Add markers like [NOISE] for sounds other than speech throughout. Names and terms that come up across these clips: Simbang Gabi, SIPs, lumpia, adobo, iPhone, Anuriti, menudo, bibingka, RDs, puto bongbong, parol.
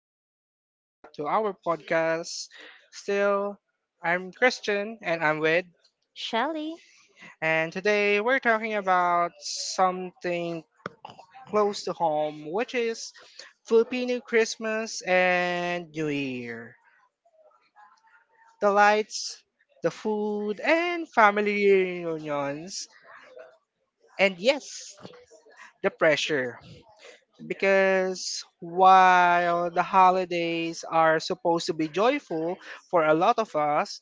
everyone. Welcome back to our podcast. Still, I'm Christian and I'm with, Shelly. and today we're talking about something close to home, which is Filipino Christmas and New Year. The lights, the food, and family reunions. And yes, the pressure. Because while the holidays are supposed to be joyful for a lot of us,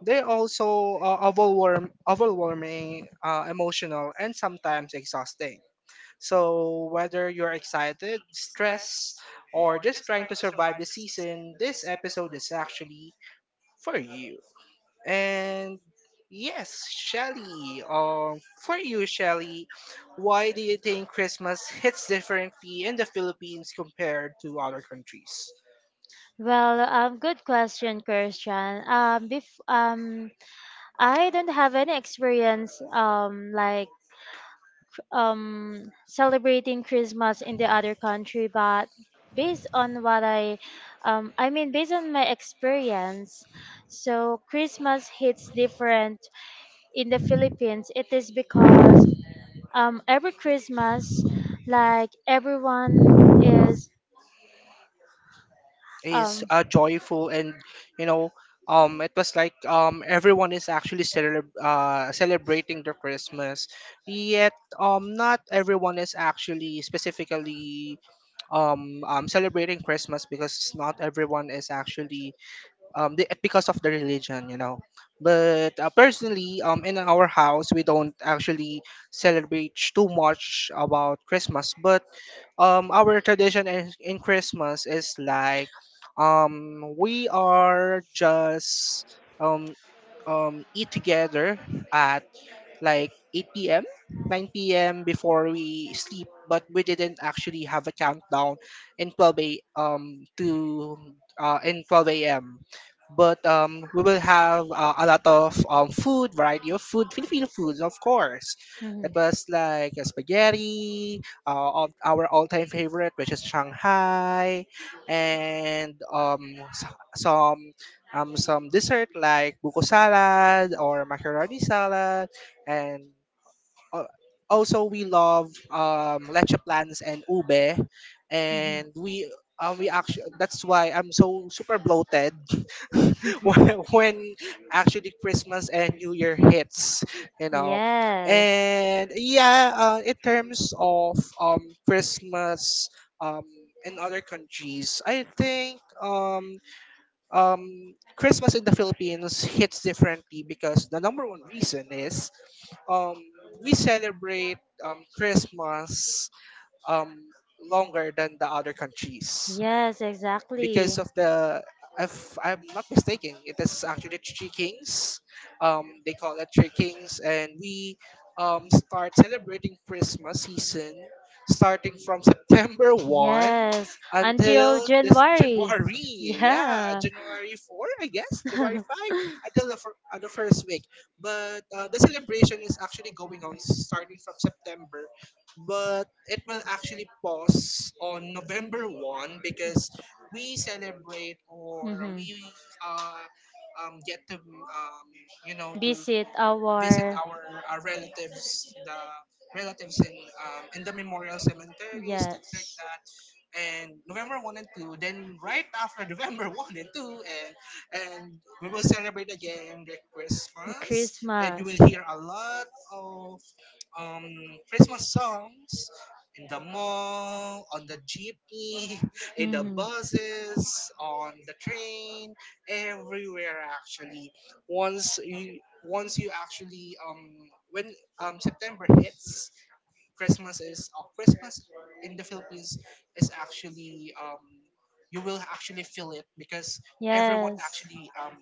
they also are overwhelming, emotional, and sometimes exhausting. So, whether you're excited, stressed, or just trying to survive the season, this episode is actually for you. And yes, Shelly, for you, Shelly, why do you think Christmas hits differently in the Philippines compared to other countries? Good question, Christian. I don't have any experience like celebrating Christmas in the other country, but based on what I mean, based on my experience, so Christmas hits different in the Philippines. It is because every Christmas, like everyone is Is um. Joyful and you know it was like everyone is actually celebrating the Christmas, yet not everyone is actually specifically celebrating Christmas because not everyone is actually because of the religion, you know. But personally, in our house we don't actually celebrate too much about Christmas, but our tradition in Christmas is like we are just um eat together at like 8 p.m., 9 p.m. before we sleep, but we didn't actually have a countdown in 12 a um to uh, in 12 a.m. But we will have a lot of food, variety of food, Filipino foods, of course. It was like a spaghetti, our all-time favorite, which is Shanghai, and some dessert like buko salad or macaroni salad and al- also we love leche plans and ube, and we actually, that's why I'm so super bloated [LAUGHS] [LAUGHS] when actually Christmas and New Year hits, you know. Yes. And yeah, in terms of Christmas um in other countries, I think Christmas in the Philippines hits differently because the number one reason is um we celebrate Christmas um longer than the other countries, Yes, because because of the, if I'm not mistaken, it is actually Three Kings. They call it Three Kings, and we start celebrating Christmas season starting from [LAUGHS] September 1 Yes, until this January. Yeah, January 4, I guess, January Mhm. 5, until the first week. But the celebration is actually going on starting from September. But it will actually pause on November 1 because we celebrate, or [LAUGHS] we get to, to visit our. visit our, our relatives, the relatives in the memorial cemeteries, things like that. And November one and two, then right after November [LAUGHS] one and two, and we will celebrate again the Christmas, and you will hear a lot Christmas songs in the mall, on the jeepney, [LAUGHS] in the hmm buses, on the train, everywhere actually. Once you actually when September hits, Christmas in the Philippines is actually you will actually feel it because everyone Everyone Yes. actually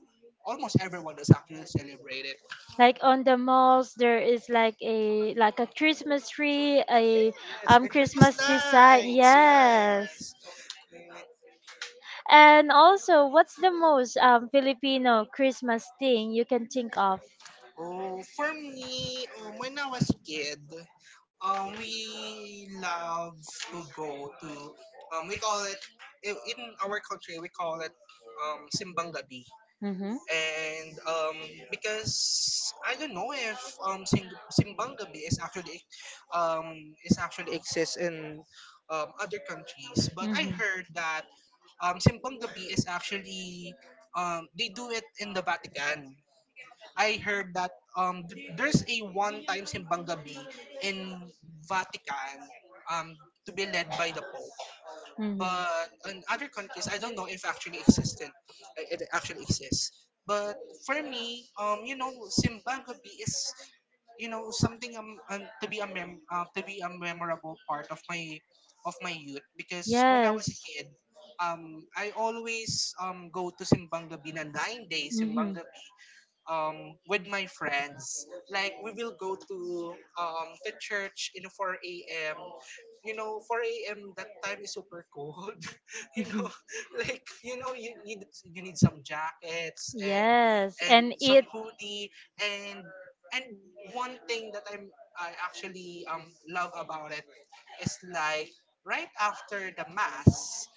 almost everyone is actually celebrated. Like on the malls, there is like a Christmas tree, a Yes, um Christmas Christmas lights. design. Yes. Yes. Okay. And also, what's the most Filipino Christmas thing you can think of? Oh, for me, when I was a kid, we love to go to, we call it, in our country, we call it Simbang Gabi. Mm-hmm. And because I don't know if Simbang Gabi is actually exists in other countries, but I Mm-hmm. heard that Simpong Gabi is actually, they do it in the Vatican. I heard that there's a one-time Simbang Gabi in Vatican, um, to be led by the Pope. Mm-hmm. But in other countries, I don't know if actually existent, it actually exists. But for me, you know, Simbang Gabi is, you know, something to be a memorable part of my youth, because when I was a Yes. Mhm. kid I always go to Simbang Gabi, na 9 days Simbang Gabi with my friends. Like we will go to the church in 4 a.m. You know, 4 a.m. that time is super cold. [LAUGHS] You know, [LAUGHS] like, you know, you need some jackets Yes, and and some it. hoodie, and and one thing that I actually love about it is like right after the mass,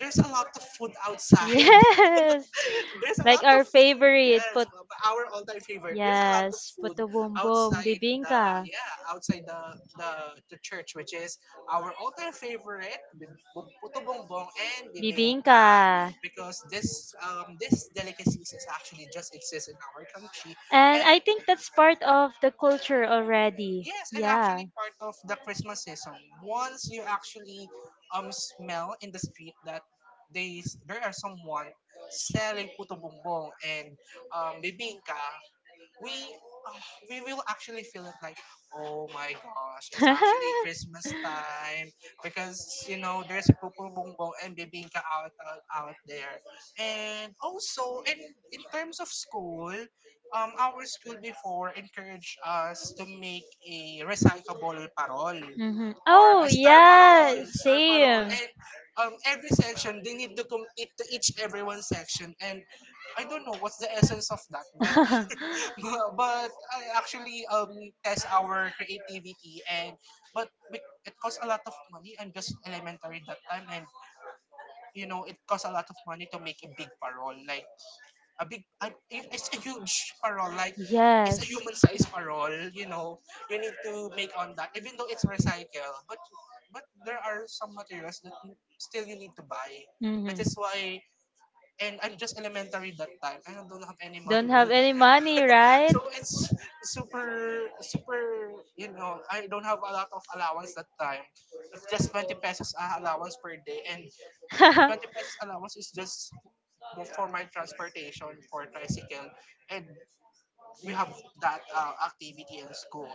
there's a lot of food [LAUGHS] outside. Yes, There's a [LAUGHS] like lot of our food. favorite Yes, put. well, our all-time favorite. There's a lot of Yes, put food the boom boom, outside the, bibingka. yeah, outside the, the, the church, which is our all-time favorite, puto bongbong and Bibinka. bibingka, because this delicacies is actually just exists in our country. And I think that's part of the culture already. Yes, it's Yeah. actually part of the Christmas season. Once you actually smell in the street that they there are someone selling puto bumbong and bibingka, we ah, we will actually feel it like, oh my gosh, it's actually Christmas [LAUGHS] time, because you know there's pupu bongbong and bibingka out there. And also in terms of school, our school before encouraged us to make a recyclable parol, hmm or Oh, a yeah, star parol, same. and every section they need to complete to each everyone section, and I don't know what's the essence of that, but [LAUGHS] [LAUGHS] but I actually test our creativity, and but it costs a lot of money. I'm just elementary that time, and you know it costs a lot of money to make a big parol, like a big, it's a huge parol, like a it's a Yes. human size parol. You know, you need to make on that, even though it's recycle. But there are some materials that still you need to buy. That That is Mm-hmm. why, and I'm just elementary that time, and I don't have any [LAUGHS] money. money, right? So it's super, super, you know, I don't have a lot of allowance that time. It's just 20 pesos allowance per day. And But 20 pesos allowance [LAUGHS] is just for my transportation for tricycle. And we have that activity in school.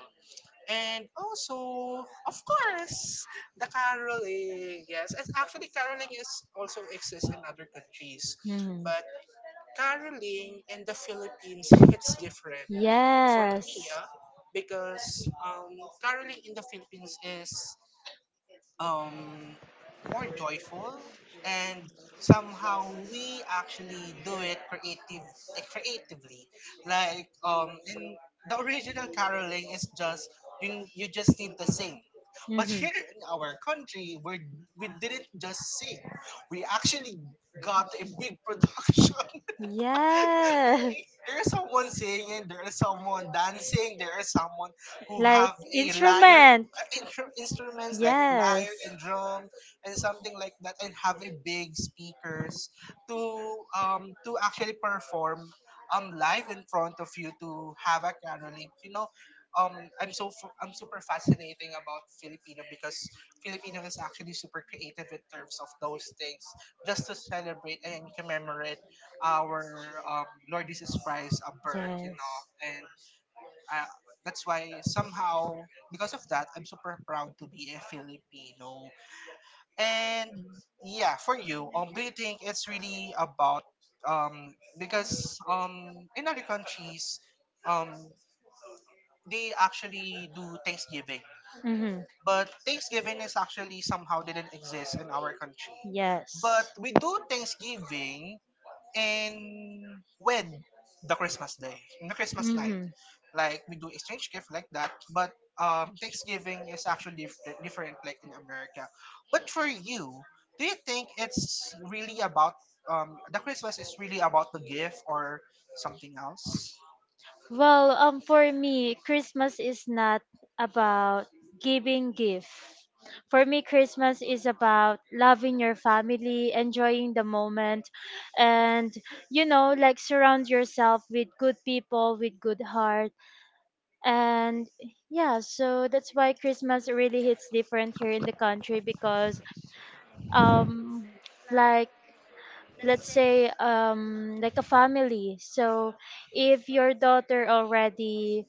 And also, of course, the caroling. Yes, it's actually caroling is also exists in other countries, Mhm. but caroling in the Philippines [LAUGHS] hits different for Yes. me, yeah, because caroling in the Philippines is um, more joyful and somehow we actually do it creatively, like in the original caroling is just you, you just need to sing. [LAUGHS] But here in our country we didn't just sing, we actually got a big production. [LAUGHS] [LAUGHS] There's someone singing, there is someone dancing, there is someone who like have a lyre, instrument. Instruments like Yes. lyre and drum and something like that, and have a big speakers to actually perform live in front of you to have a caroling. You know, I'm super fascinating about Filipino because Filipino is actually super creative in terms of those things, just to celebrate and commemorate our Lord Jesus Christ a birth, you Yes. know. And uh, that's why somehow, because of that, I'm super proud to be a Filipino. And yeah, for you, do you think it's really about because in other countries um they actually do Thanksgiving, Mm-hmm. but Thanksgiving is actually somehow didn't exist in our country, Yes. but we do Thanksgiving. And when the Christmas day, the Christmas night, Mhm. like we do exchange gift like that, but Thanksgiving is actually different, different like in America. But for you, do you think it's really about the Christmas is really about the gift or something else? For me, Christmas is not about giving gift. For me, Christmas is about loving your family, enjoying the moment, and like surround yourself with good people, with good heart. And yeah, so that's why Christmas really hits different here in the country because um like let's say like a family. So if your daughter already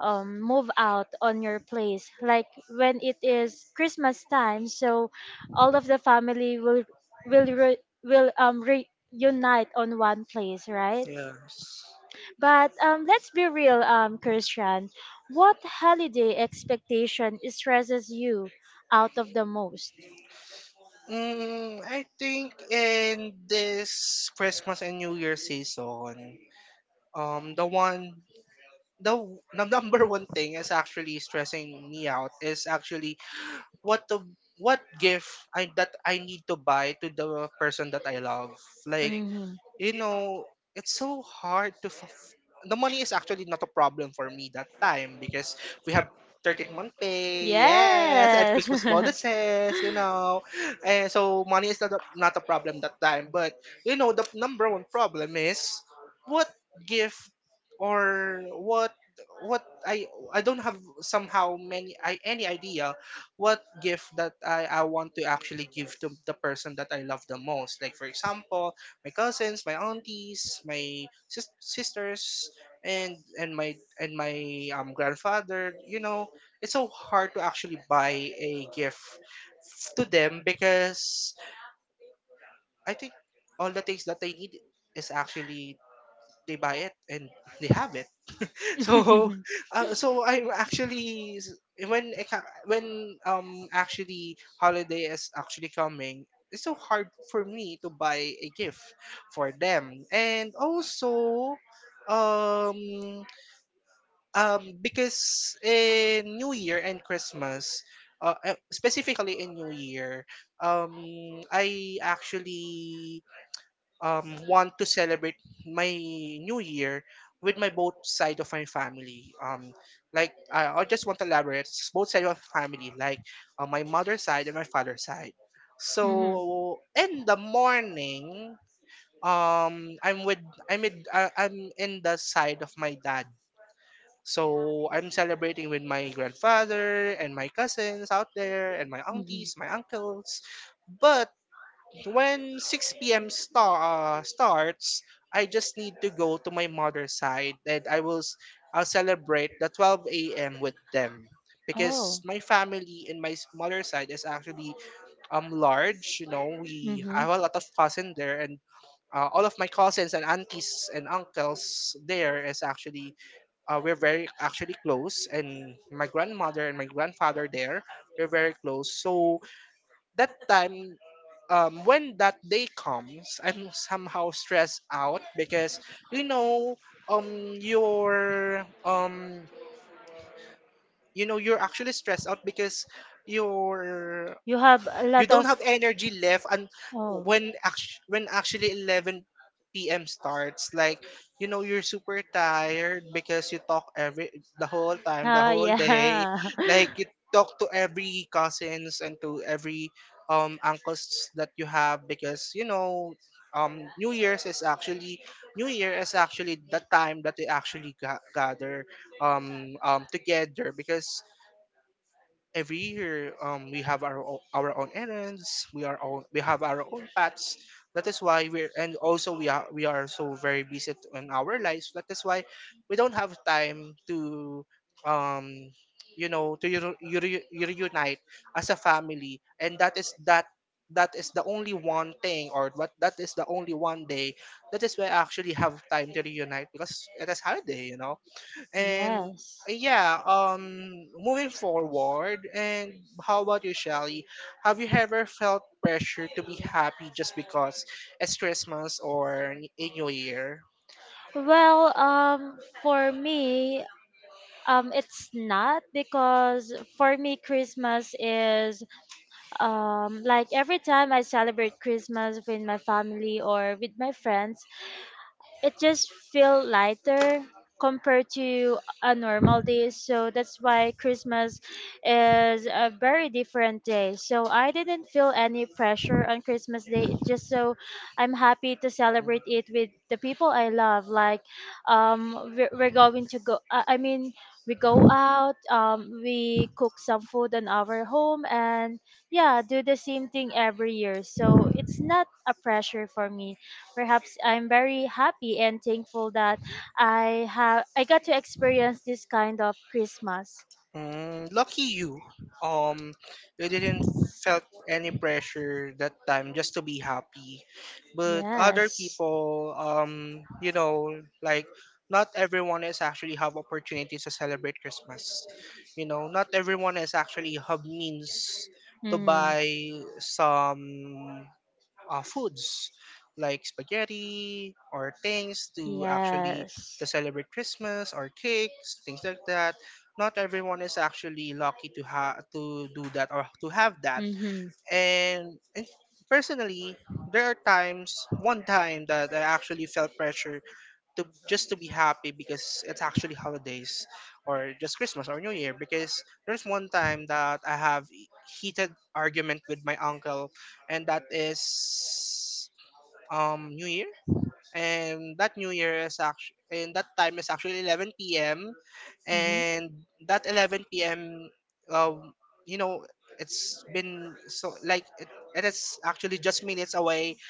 move out on your place, like when it is Christmas time, so all of the family will re, will reunite on one place, right? Yeah. But let's be real, Christian. What holiday expectation stresses you out of the most? Mm, I think in this Christmas and New Year season, the one the w- the [LAUGHS] number one thing is actually stressing me out is actually what to what gift I that I need to buy to the person that I love. Like, Hmm you know, it's so hard to. The money is actually not a problem for me that time because we have 13 month pay, yes, and Yes. Christmas [LAUGHS] bonuses, you know. And so money is not not a problem that time. But, you know, the number one problem is what gift, or what I don't have somehow many I any idea what gift that I want to actually give to the person that I love the most. Like for example, my cousins, my aunties, my sisters, and my grandfather. You know, it's so hard to actually buy a gift to them, because I think all the things that they need is actually they buy it and [LAUGHS] they have it. So, Mhm. [LAUGHS] So I'm actually s- when I ca- when actually holiday is actually coming, it's so hard for me to buy a gift for them. And also um because in New Year and Christmas. Specifically in New Year, um, I actually want to celebrate my new year with my both side of my family. Like I just want to elaborate it's both side of family, like my mother's side and my father's side. Mhm. So in the morning, um, I'm with I'm in the side of my dad. So I'm celebrating with my grandfather and my cousins out there and my Mhm. aunties, my uncles. But when 6 p.m. Starts, I just need to go to my mother's side and I'll celebrate the 12 a.m. with them because Oh. my family in mother's side is actually large. You know, we hmm I have a lot of cousins there. And all of my cousins and aunties and uncles there is actually, we're very actually close, and my grandmother and my grandfather there, we're very close. So that time, when that day comes, I'm somehow stressed out because you know, um, you're um, you know, you're actually stressed out because you're You have a you lot don't of. have energy left. And Oh. When actually 11 p.m. starts, like you know you're super tired because you talk every the whole time, the Ah, whole day. yeah. Like you talk to every [LAUGHS] cousins and to every uncles that you have because you know, um new year's is actually new year is actually the time that they actually gather together. Because every year, we have our own errands we are own we have our own paths. That is why we're and also we are so very busy in our lives. That is why we don't have time to, um you know, to reunite as a family. And that is the only one day that is where I actually have time to reunite because it is holiday, you know. And Yes. Yeah, moving forward, and how about you, Shelly? Have you ever felt pressure to be happy just because it's Christmas or a New Year? Well, for me, it's not because for me Christmas is like every time I celebrate Christmas with my family or with my friends, it just feel lighter compared to a normal day. So that's why Christmas is a very different day, so I didn't feel any pressure on Christmas day. It's just so I'm happy to celebrate it with the people I love, like we're going to go, I mean we go out, we cook some food on our home. And yeah, do the same thing every year, so it's not a pressure for me. Perhaps I'm very happy and thankful that I got to experience this kind of Christmas. Mm, lucky you. Um, you didn't felt any pressure that time just to be happy. But other Yes. people, you know, like not everyone is actually have opportunities to celebrate Christmas. You know, not everyone is actually have means to Mm. buy some foods like spaghetti or things to actually Yes. to celebrate christmas, or cakes, things like that. Not everyone is actually lucky to to do that or to have that. Mhm. And personally, there are times, one time that I actually felt pressure to just to be happy because it's actually holidays or just Christmas or New Year. Because there's one time that I have heated argument with my uncle, and that is New Year. And that time is actually 11 p.m., Mhm. and that 11 p.m., um, you know, it's been so it is actually just minutes away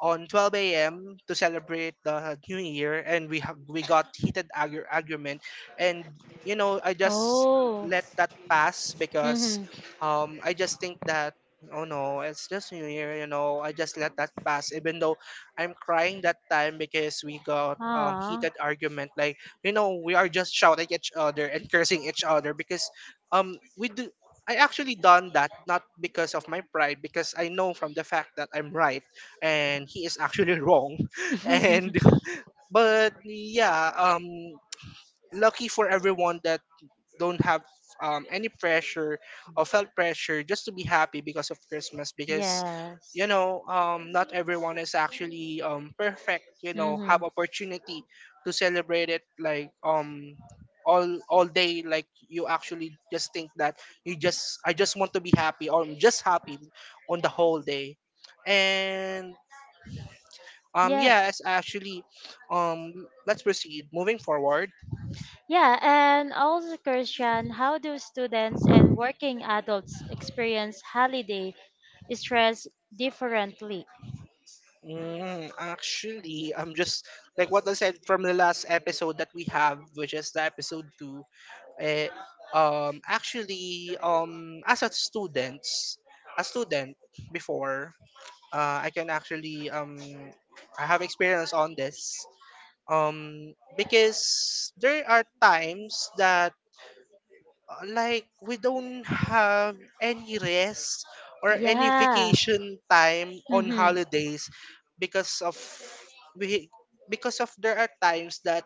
on 12 a.m. to celebrate the New Year, and we got heated argument. And you know, I just Oh. let that pass because, Mhm. I just think that, oh no, it's just New Year, you know. I just let that pass, even though I'm crying that time because we got, Ah. heated argument. Like you know, we are just shouting each other and cursing each other because we do. I actually done that not because of my pride, because I know from the fact that I'm right and he is actually wrong [LAUGHS] and [LAUGHS] but yeah, lucky for everyone that don't have, any pressure or felt pressure just to be happy because of christmas. Because yes. you know, not everyone is actually perfect, you know, have opportunity to celebrate it. Like, all day, like you actually just think that you just I just want to be happy, or I'm just happy on the whole day. And, Mhm. Yes, actually, let's proceed. Moving forward, Yeah, and also Christian, how do students and working adults experience holiday stress differently? mm, actually, I'm just like what I said from the last episode that we have, which is the episode two. Eh, actually, as a student before, I can actually I have experience on this. Because there are times that, like we don't have any rest or any Yeah. vacation time on hmm holidays because of we because of there are times that,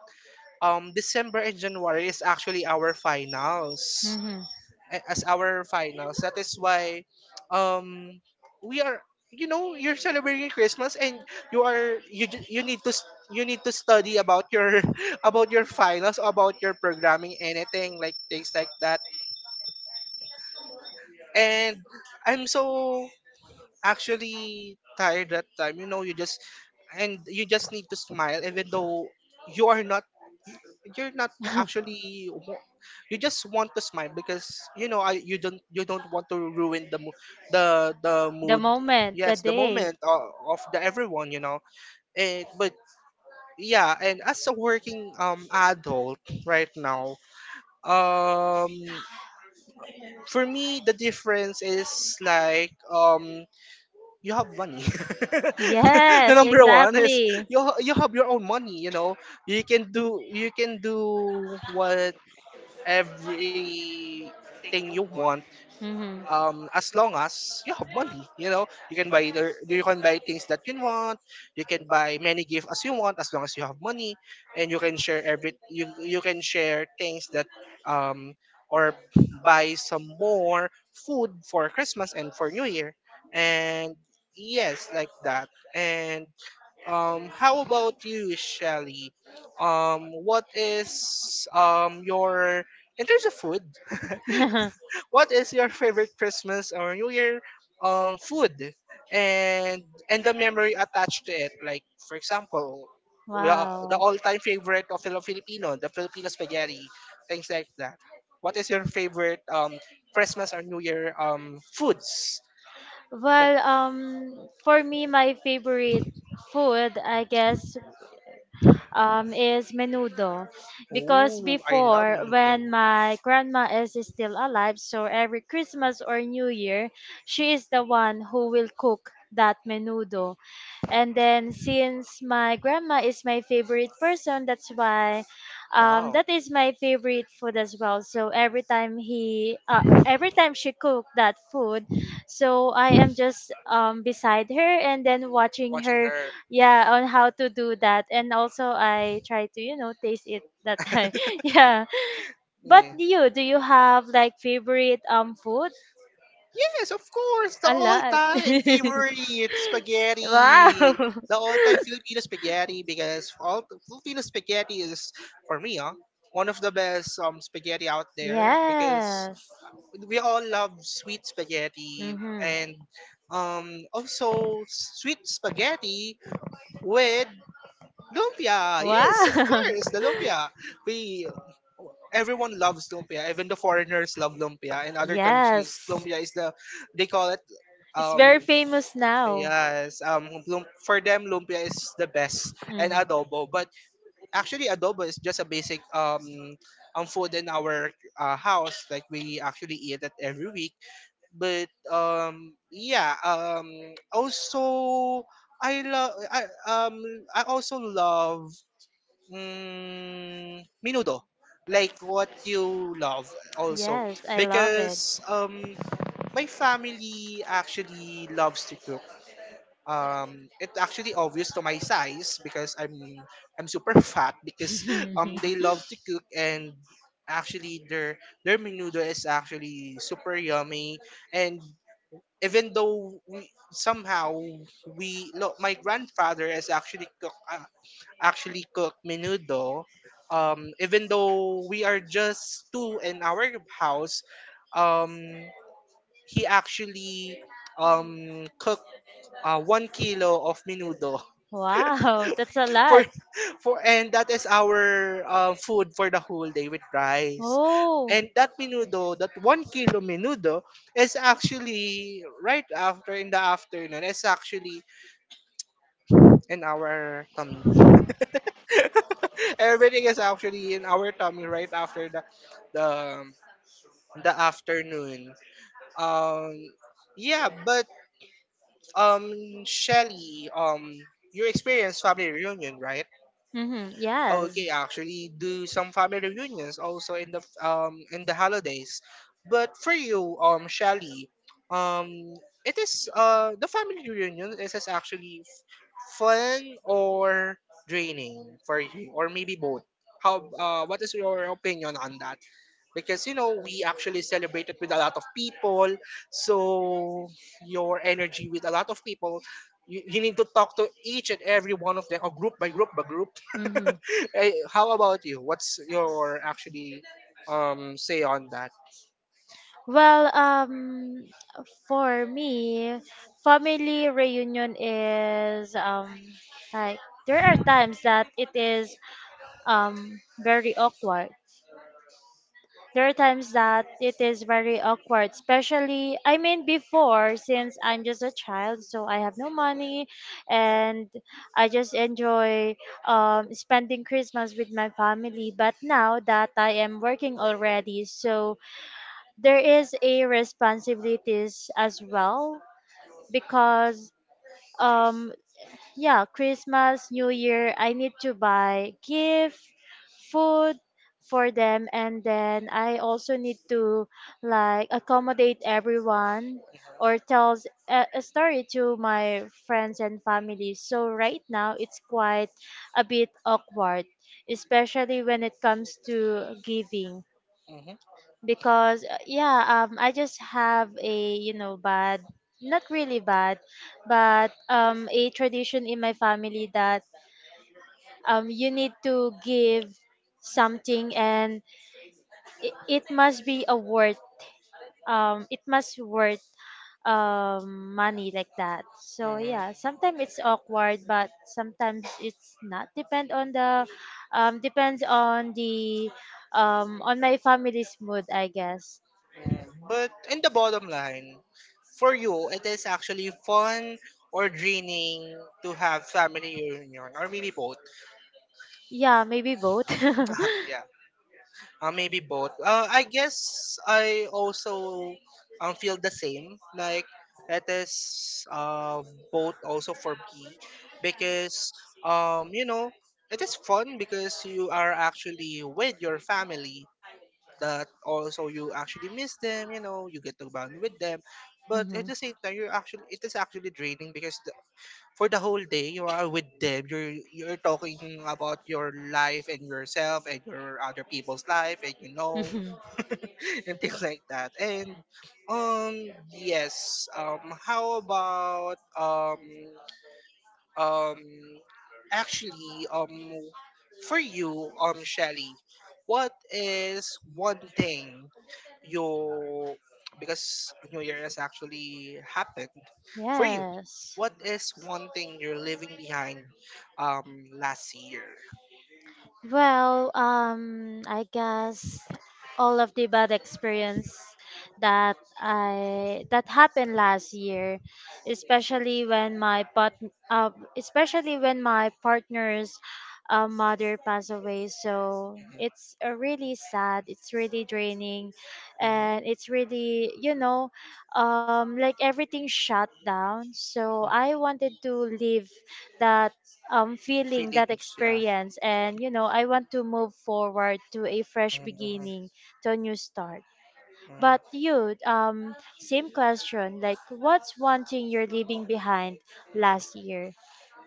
December and January is actually our finals. hmm A- as our finals, that is why, um we are, you know, you're celebrating Christmas and you need to you need to study about your [LAUGHS] about your finals, about your programming, anything, like things like that. And I'm so actually tired that time. You know, you just need to smile, even though you are not you're not [LAUGHS] actually wa- you just want to smile because you know, you don't want to ruin the the the mood. moment, the Yes, the day. moment of the everyone, you know. And but yeah, and as a working adult right now, um for me the difference is like, you have money. [LAUGHS] The Yes, number one is, exactly. You have your own money. You know, you can do what everything you want, hmm as long as you have money. You know, you can buy things that you want. You can buy many gifts as you want, as long as you have money. And you can share things that, um or buy some more food for christmas and for new year. And yes, like that. And, how about you, shelly? What is your, in terms of food, [LAUGHS] [LAUGHS] what is your favorite Christmas or New Year food, and and the memory attached to it? Like for example, wow. the all-time favorite of Filipino, the Filipino spaghetti, things like that. What is your favorite Christmas or New Year foods? The, For me, my favorite food, I guess, is menudo. Because ooh, I love before, menudo. when my grandma is still alive, so every Christmas or New Year, she is the one who will cook that menudo. And then since my grandma is my favorite person, that's why Wow, that is my favorite food as well. So every time she cooked that food, so I am just beside her and then watching watching her her. yeah on how to do that. And also I try to, you know, taste it that time. [LAUGHS] [LAUGHS] Yeah, but Yeah. you, do you have like favorite food? Yes, of course. The A lot all-time [LAUGHS] favorite spaghetti. wow The all-time Filipino spaghetti, because all Filipino spaghetti is, for me, ah, one of the best spaghetti out [LAUGHS] there, because yes we all love sweet spaghetti, and mm-hmm. Also sweet spaghetti with Lumpia, yes, of wow course, the [LAUGHS] lumpia. We Everyone loves lumpia. Even the foreigners love lumpia. In other countries, yes lumpia is the, they call it it's um very famous now yes for them lumpia is the best, and Mhm. adobo. But actually, adobo is just a basic food in our house. Like, we actually eat it every week. But yeah, also, I love I um I also love, mm, menudo. Like what you love also. yes I love it Because my family actually loves to cook. Um, it's actually obvious to my size because I'm super [LAUGHS] fat because they love [LAUGHS] to cook. And actually their menudo is actually super yummy. And even though we somehow, my grandfather has actually cook menudo. Even though we are just two in our house, um, he actually, cooked, 1 kilo of menudo wow that's a [LAUGHS] for lot for and that is our, food for the whole day with rice. oh And that menudo, that 1 kilo menudo, is actually right after in the afternoon. It's actually in our tummy. [LAUGHS] Everything is actually in our tummy right after the, the afternoon. Um, yeah, but, um Shelly, you experienced family reunion, right? Mm-hmm. Yes. Okay, actually do some family reunions also in the holidays. But for you, Shelly, um it is the family reunion is actually fun or draining for you, or maybe both? How? What is your opinion on that? Because you know we actually celebrated with a lot of people, so your energy with a lot of people. You need to talk to each and every one of them, or group by group by group. Mm-hmm. [LAUGHS] Eh, how about you? What's your actually say on that? Well, um, for me, family reunion is like there are times that it is um very awkward. There are times that it is very awkward, especially, I mean, before, since I'm just a child, so I have no money and I just enjoy spending Christmas with my family. But now that I am working already, so there is a responsibilities as well because um yeah, Christmas, New Year, I need to buy gift, food for them. And then I also need to like accommodate everyone or tells a story to my friends and family. So right now it's quite a bit awkward, especially when it comes to giving. Because yeah, I just have, a you know, bad, not really bad, but a tradition in my family that you need to give something, and it must be a worth, it must worth money like that. So Mhm. yeah, sometimes it's awkward, but sometimes it's not, depends on the on my family's mood, I guess. Yeah. But in the bottom line, for you, it is actually fun or draining to have family reunion, or maybe both? Yeah, maybe both. [LAUGHS] Yeah, [LAUGHS] maybe both. I guess I also, feel the same. Like, it is both also for me because, you know, it is fun because you are actually with your family, that also you actually miss them, you know, you get to bond with them. But at Mhm. the same time, you're actually, it is actually draining because for the whole day you are with them, you're talking about your life and yourself and your other people's life, and you know, Mhm. [LAUGHS] and things like that. And, um yes, how about, um actually for you, Shelly, what is one thing you, because New Year has actually happened [LAUGHS] for you, Yes. what is one thing you're leaving behind last year? I guess all of the bad experience that I that happened last year, especially when uh, especially when my partner's mother passed away. So it's really sad. It's really draining, Mhm, mhm, and it's mhm. really, you know, like everything shut down. So I wanted to leave that feeling, that Feelings, yeah. experience. And, you know, I want to move forward to a fresh Mhm, mhm. beginning, to a new start. Right. But Um, you, same question, like what's one thing you're leaving behind last year?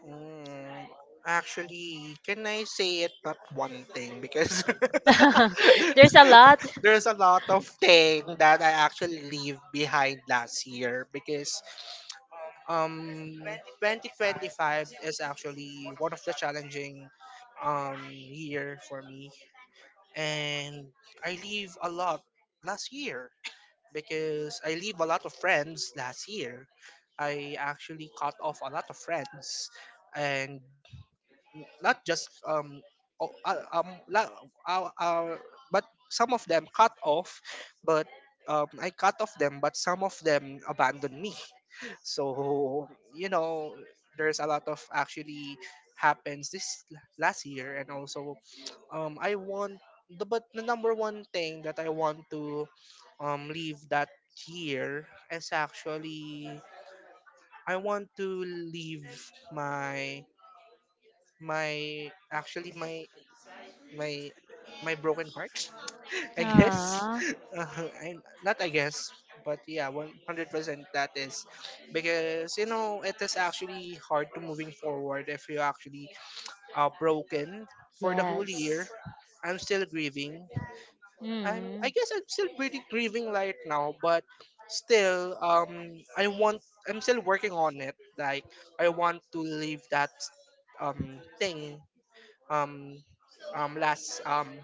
mm, actually, can I say it but one thing? Because [LAUGHS] [LAUGHS] There's a lot. There's a lot. There's a lot of thing that I actually leave behind last year because um 2025 is actually one of the challenging year for me and I leave a lot last year because I leave a lot of friends last year. I actually cut off a lot of friends and not just o- uh, um la- uh, uh, but some of them cut off but I cut off them but some of them abandoned me, so you know there's a lot of actually happens last year. And also I want the number one thing that I want to leave that year is actually I want to leave my my actually my my my broken heart, [LAUGHS] I guess. Ah, [LAUGHS] uh, I, not I guess, but yeah, 100%, that is. Because you know it is actually hard to moving forward if you actually are broken for the whole year. yes. I'm still grieving. I'm Mm, I guess I'm still pretty grieving right now, but still I want, I'm still working on it, like I want to leave that thing um um last um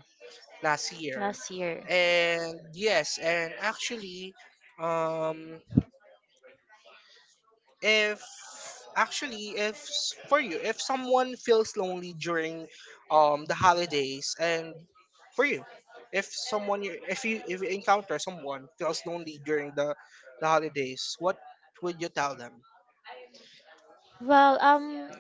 last year. last year. And yes, and actually um if actually if s- for you, if someone feels lonely during the holidays, and for you, if someone you if you if you encounter someone feels lonely during the holidays, what would you tell them? Well, um,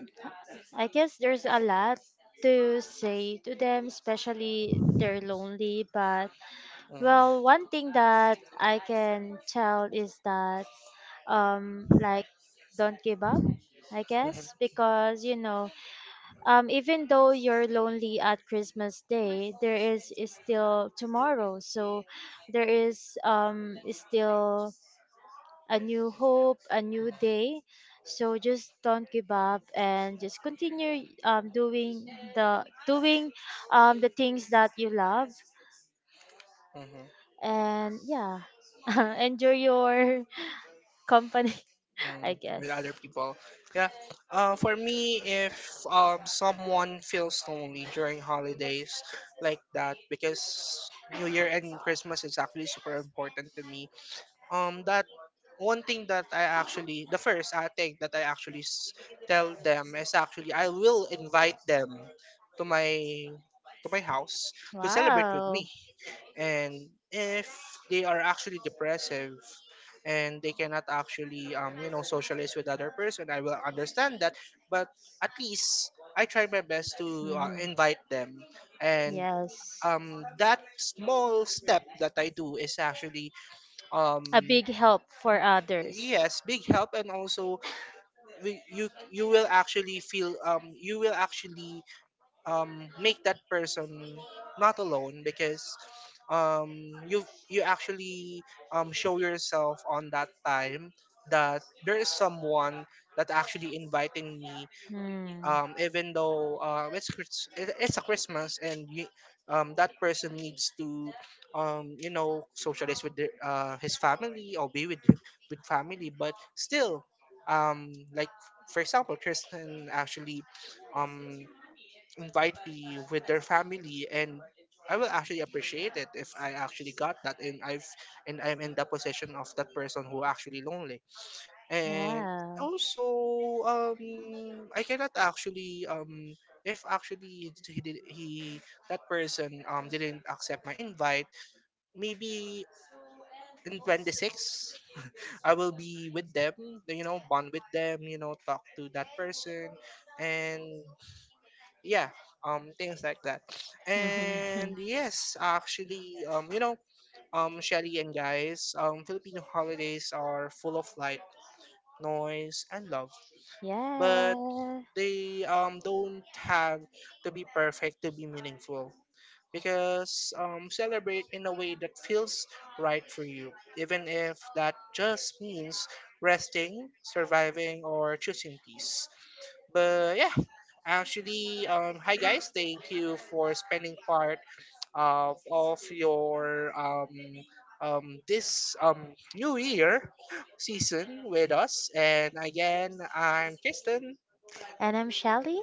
I guess there's a lot to say to them, especially they're lonely, but Mm-hmm. well, one thing that I can tell is that like don't give up, I guess, because you know, even though you're lonely at Christmas day, there is still tomorrow. So there is still a new hope, a new day. So just don't give up and just continue doing the things that you love. Mm-hmm. And yeah, [LAUGHS] enjoy your [LAUGHS] company, [LAUGHS] I Mm, guess. with other people. Yeah. For me, if someone feels lonely during holidays like that, because New Year and Christmas is actually super important to me, that one thing that I actually the first I think that tell them is actually I will invite them to my to my house to celebrate with Wow. me. And if they are actually depressive and they cannot actually you know socialize with other person, I will understand that, but at least I try my best to Mhm. invite them. And Yes. That small step that I do is actually um A big help for others. yes, big help. And also we, you will actually feel you will actually make that person not alone, because um you actually show yourself on that time that there is someone that actually inviting me. Hmm. Even though it's a Christmas and you, that person needs to you know socialize with their, his family, or be with family, but still like for example, Kristen actually um, invite me with their family. And I will actually appreciate it if I actually got that, and I'm in the position of that person who actually lonely. And Yeah. also, um, I cannot actually, if actually he did, he that person didn't accept my invite, maybe in 26, I will be with them, you know, bond with them, you know, talk to that person, and yeah, things like that. [LAUGHS] And yes, actually, you know, Shelly and guys, Filipino holidays are full of light, noise, and love, yeah. but they don't have to be perfect to be meaningful, because celebrate in a way that feels right for you, even if that just means resting, surviving, or choosing peace. But yeah, actually hi guys, thank you for spending part of your this new year season with us. And again, I'm Kristen. And I'm Shelly.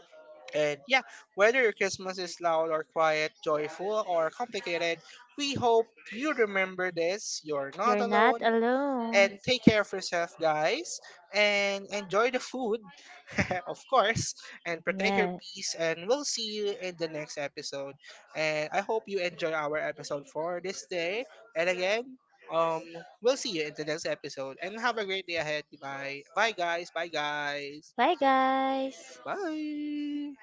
And yeah, whether your Christmas is loud or quiet, joyful or complicated, we hope you remember this. You're not You're alone. not alone. And take care of yourself, guys. And enjoy the food, [LAUGHS] of course. And protect your Yeah. peace. And we'll see you in the next episode. And I hope you enjoy our episode for this day. And again, um, we'll see you in the next episode. And have a great day ahead. Bye. Bye, guys. Bye, guys. Bye, guys. Bye.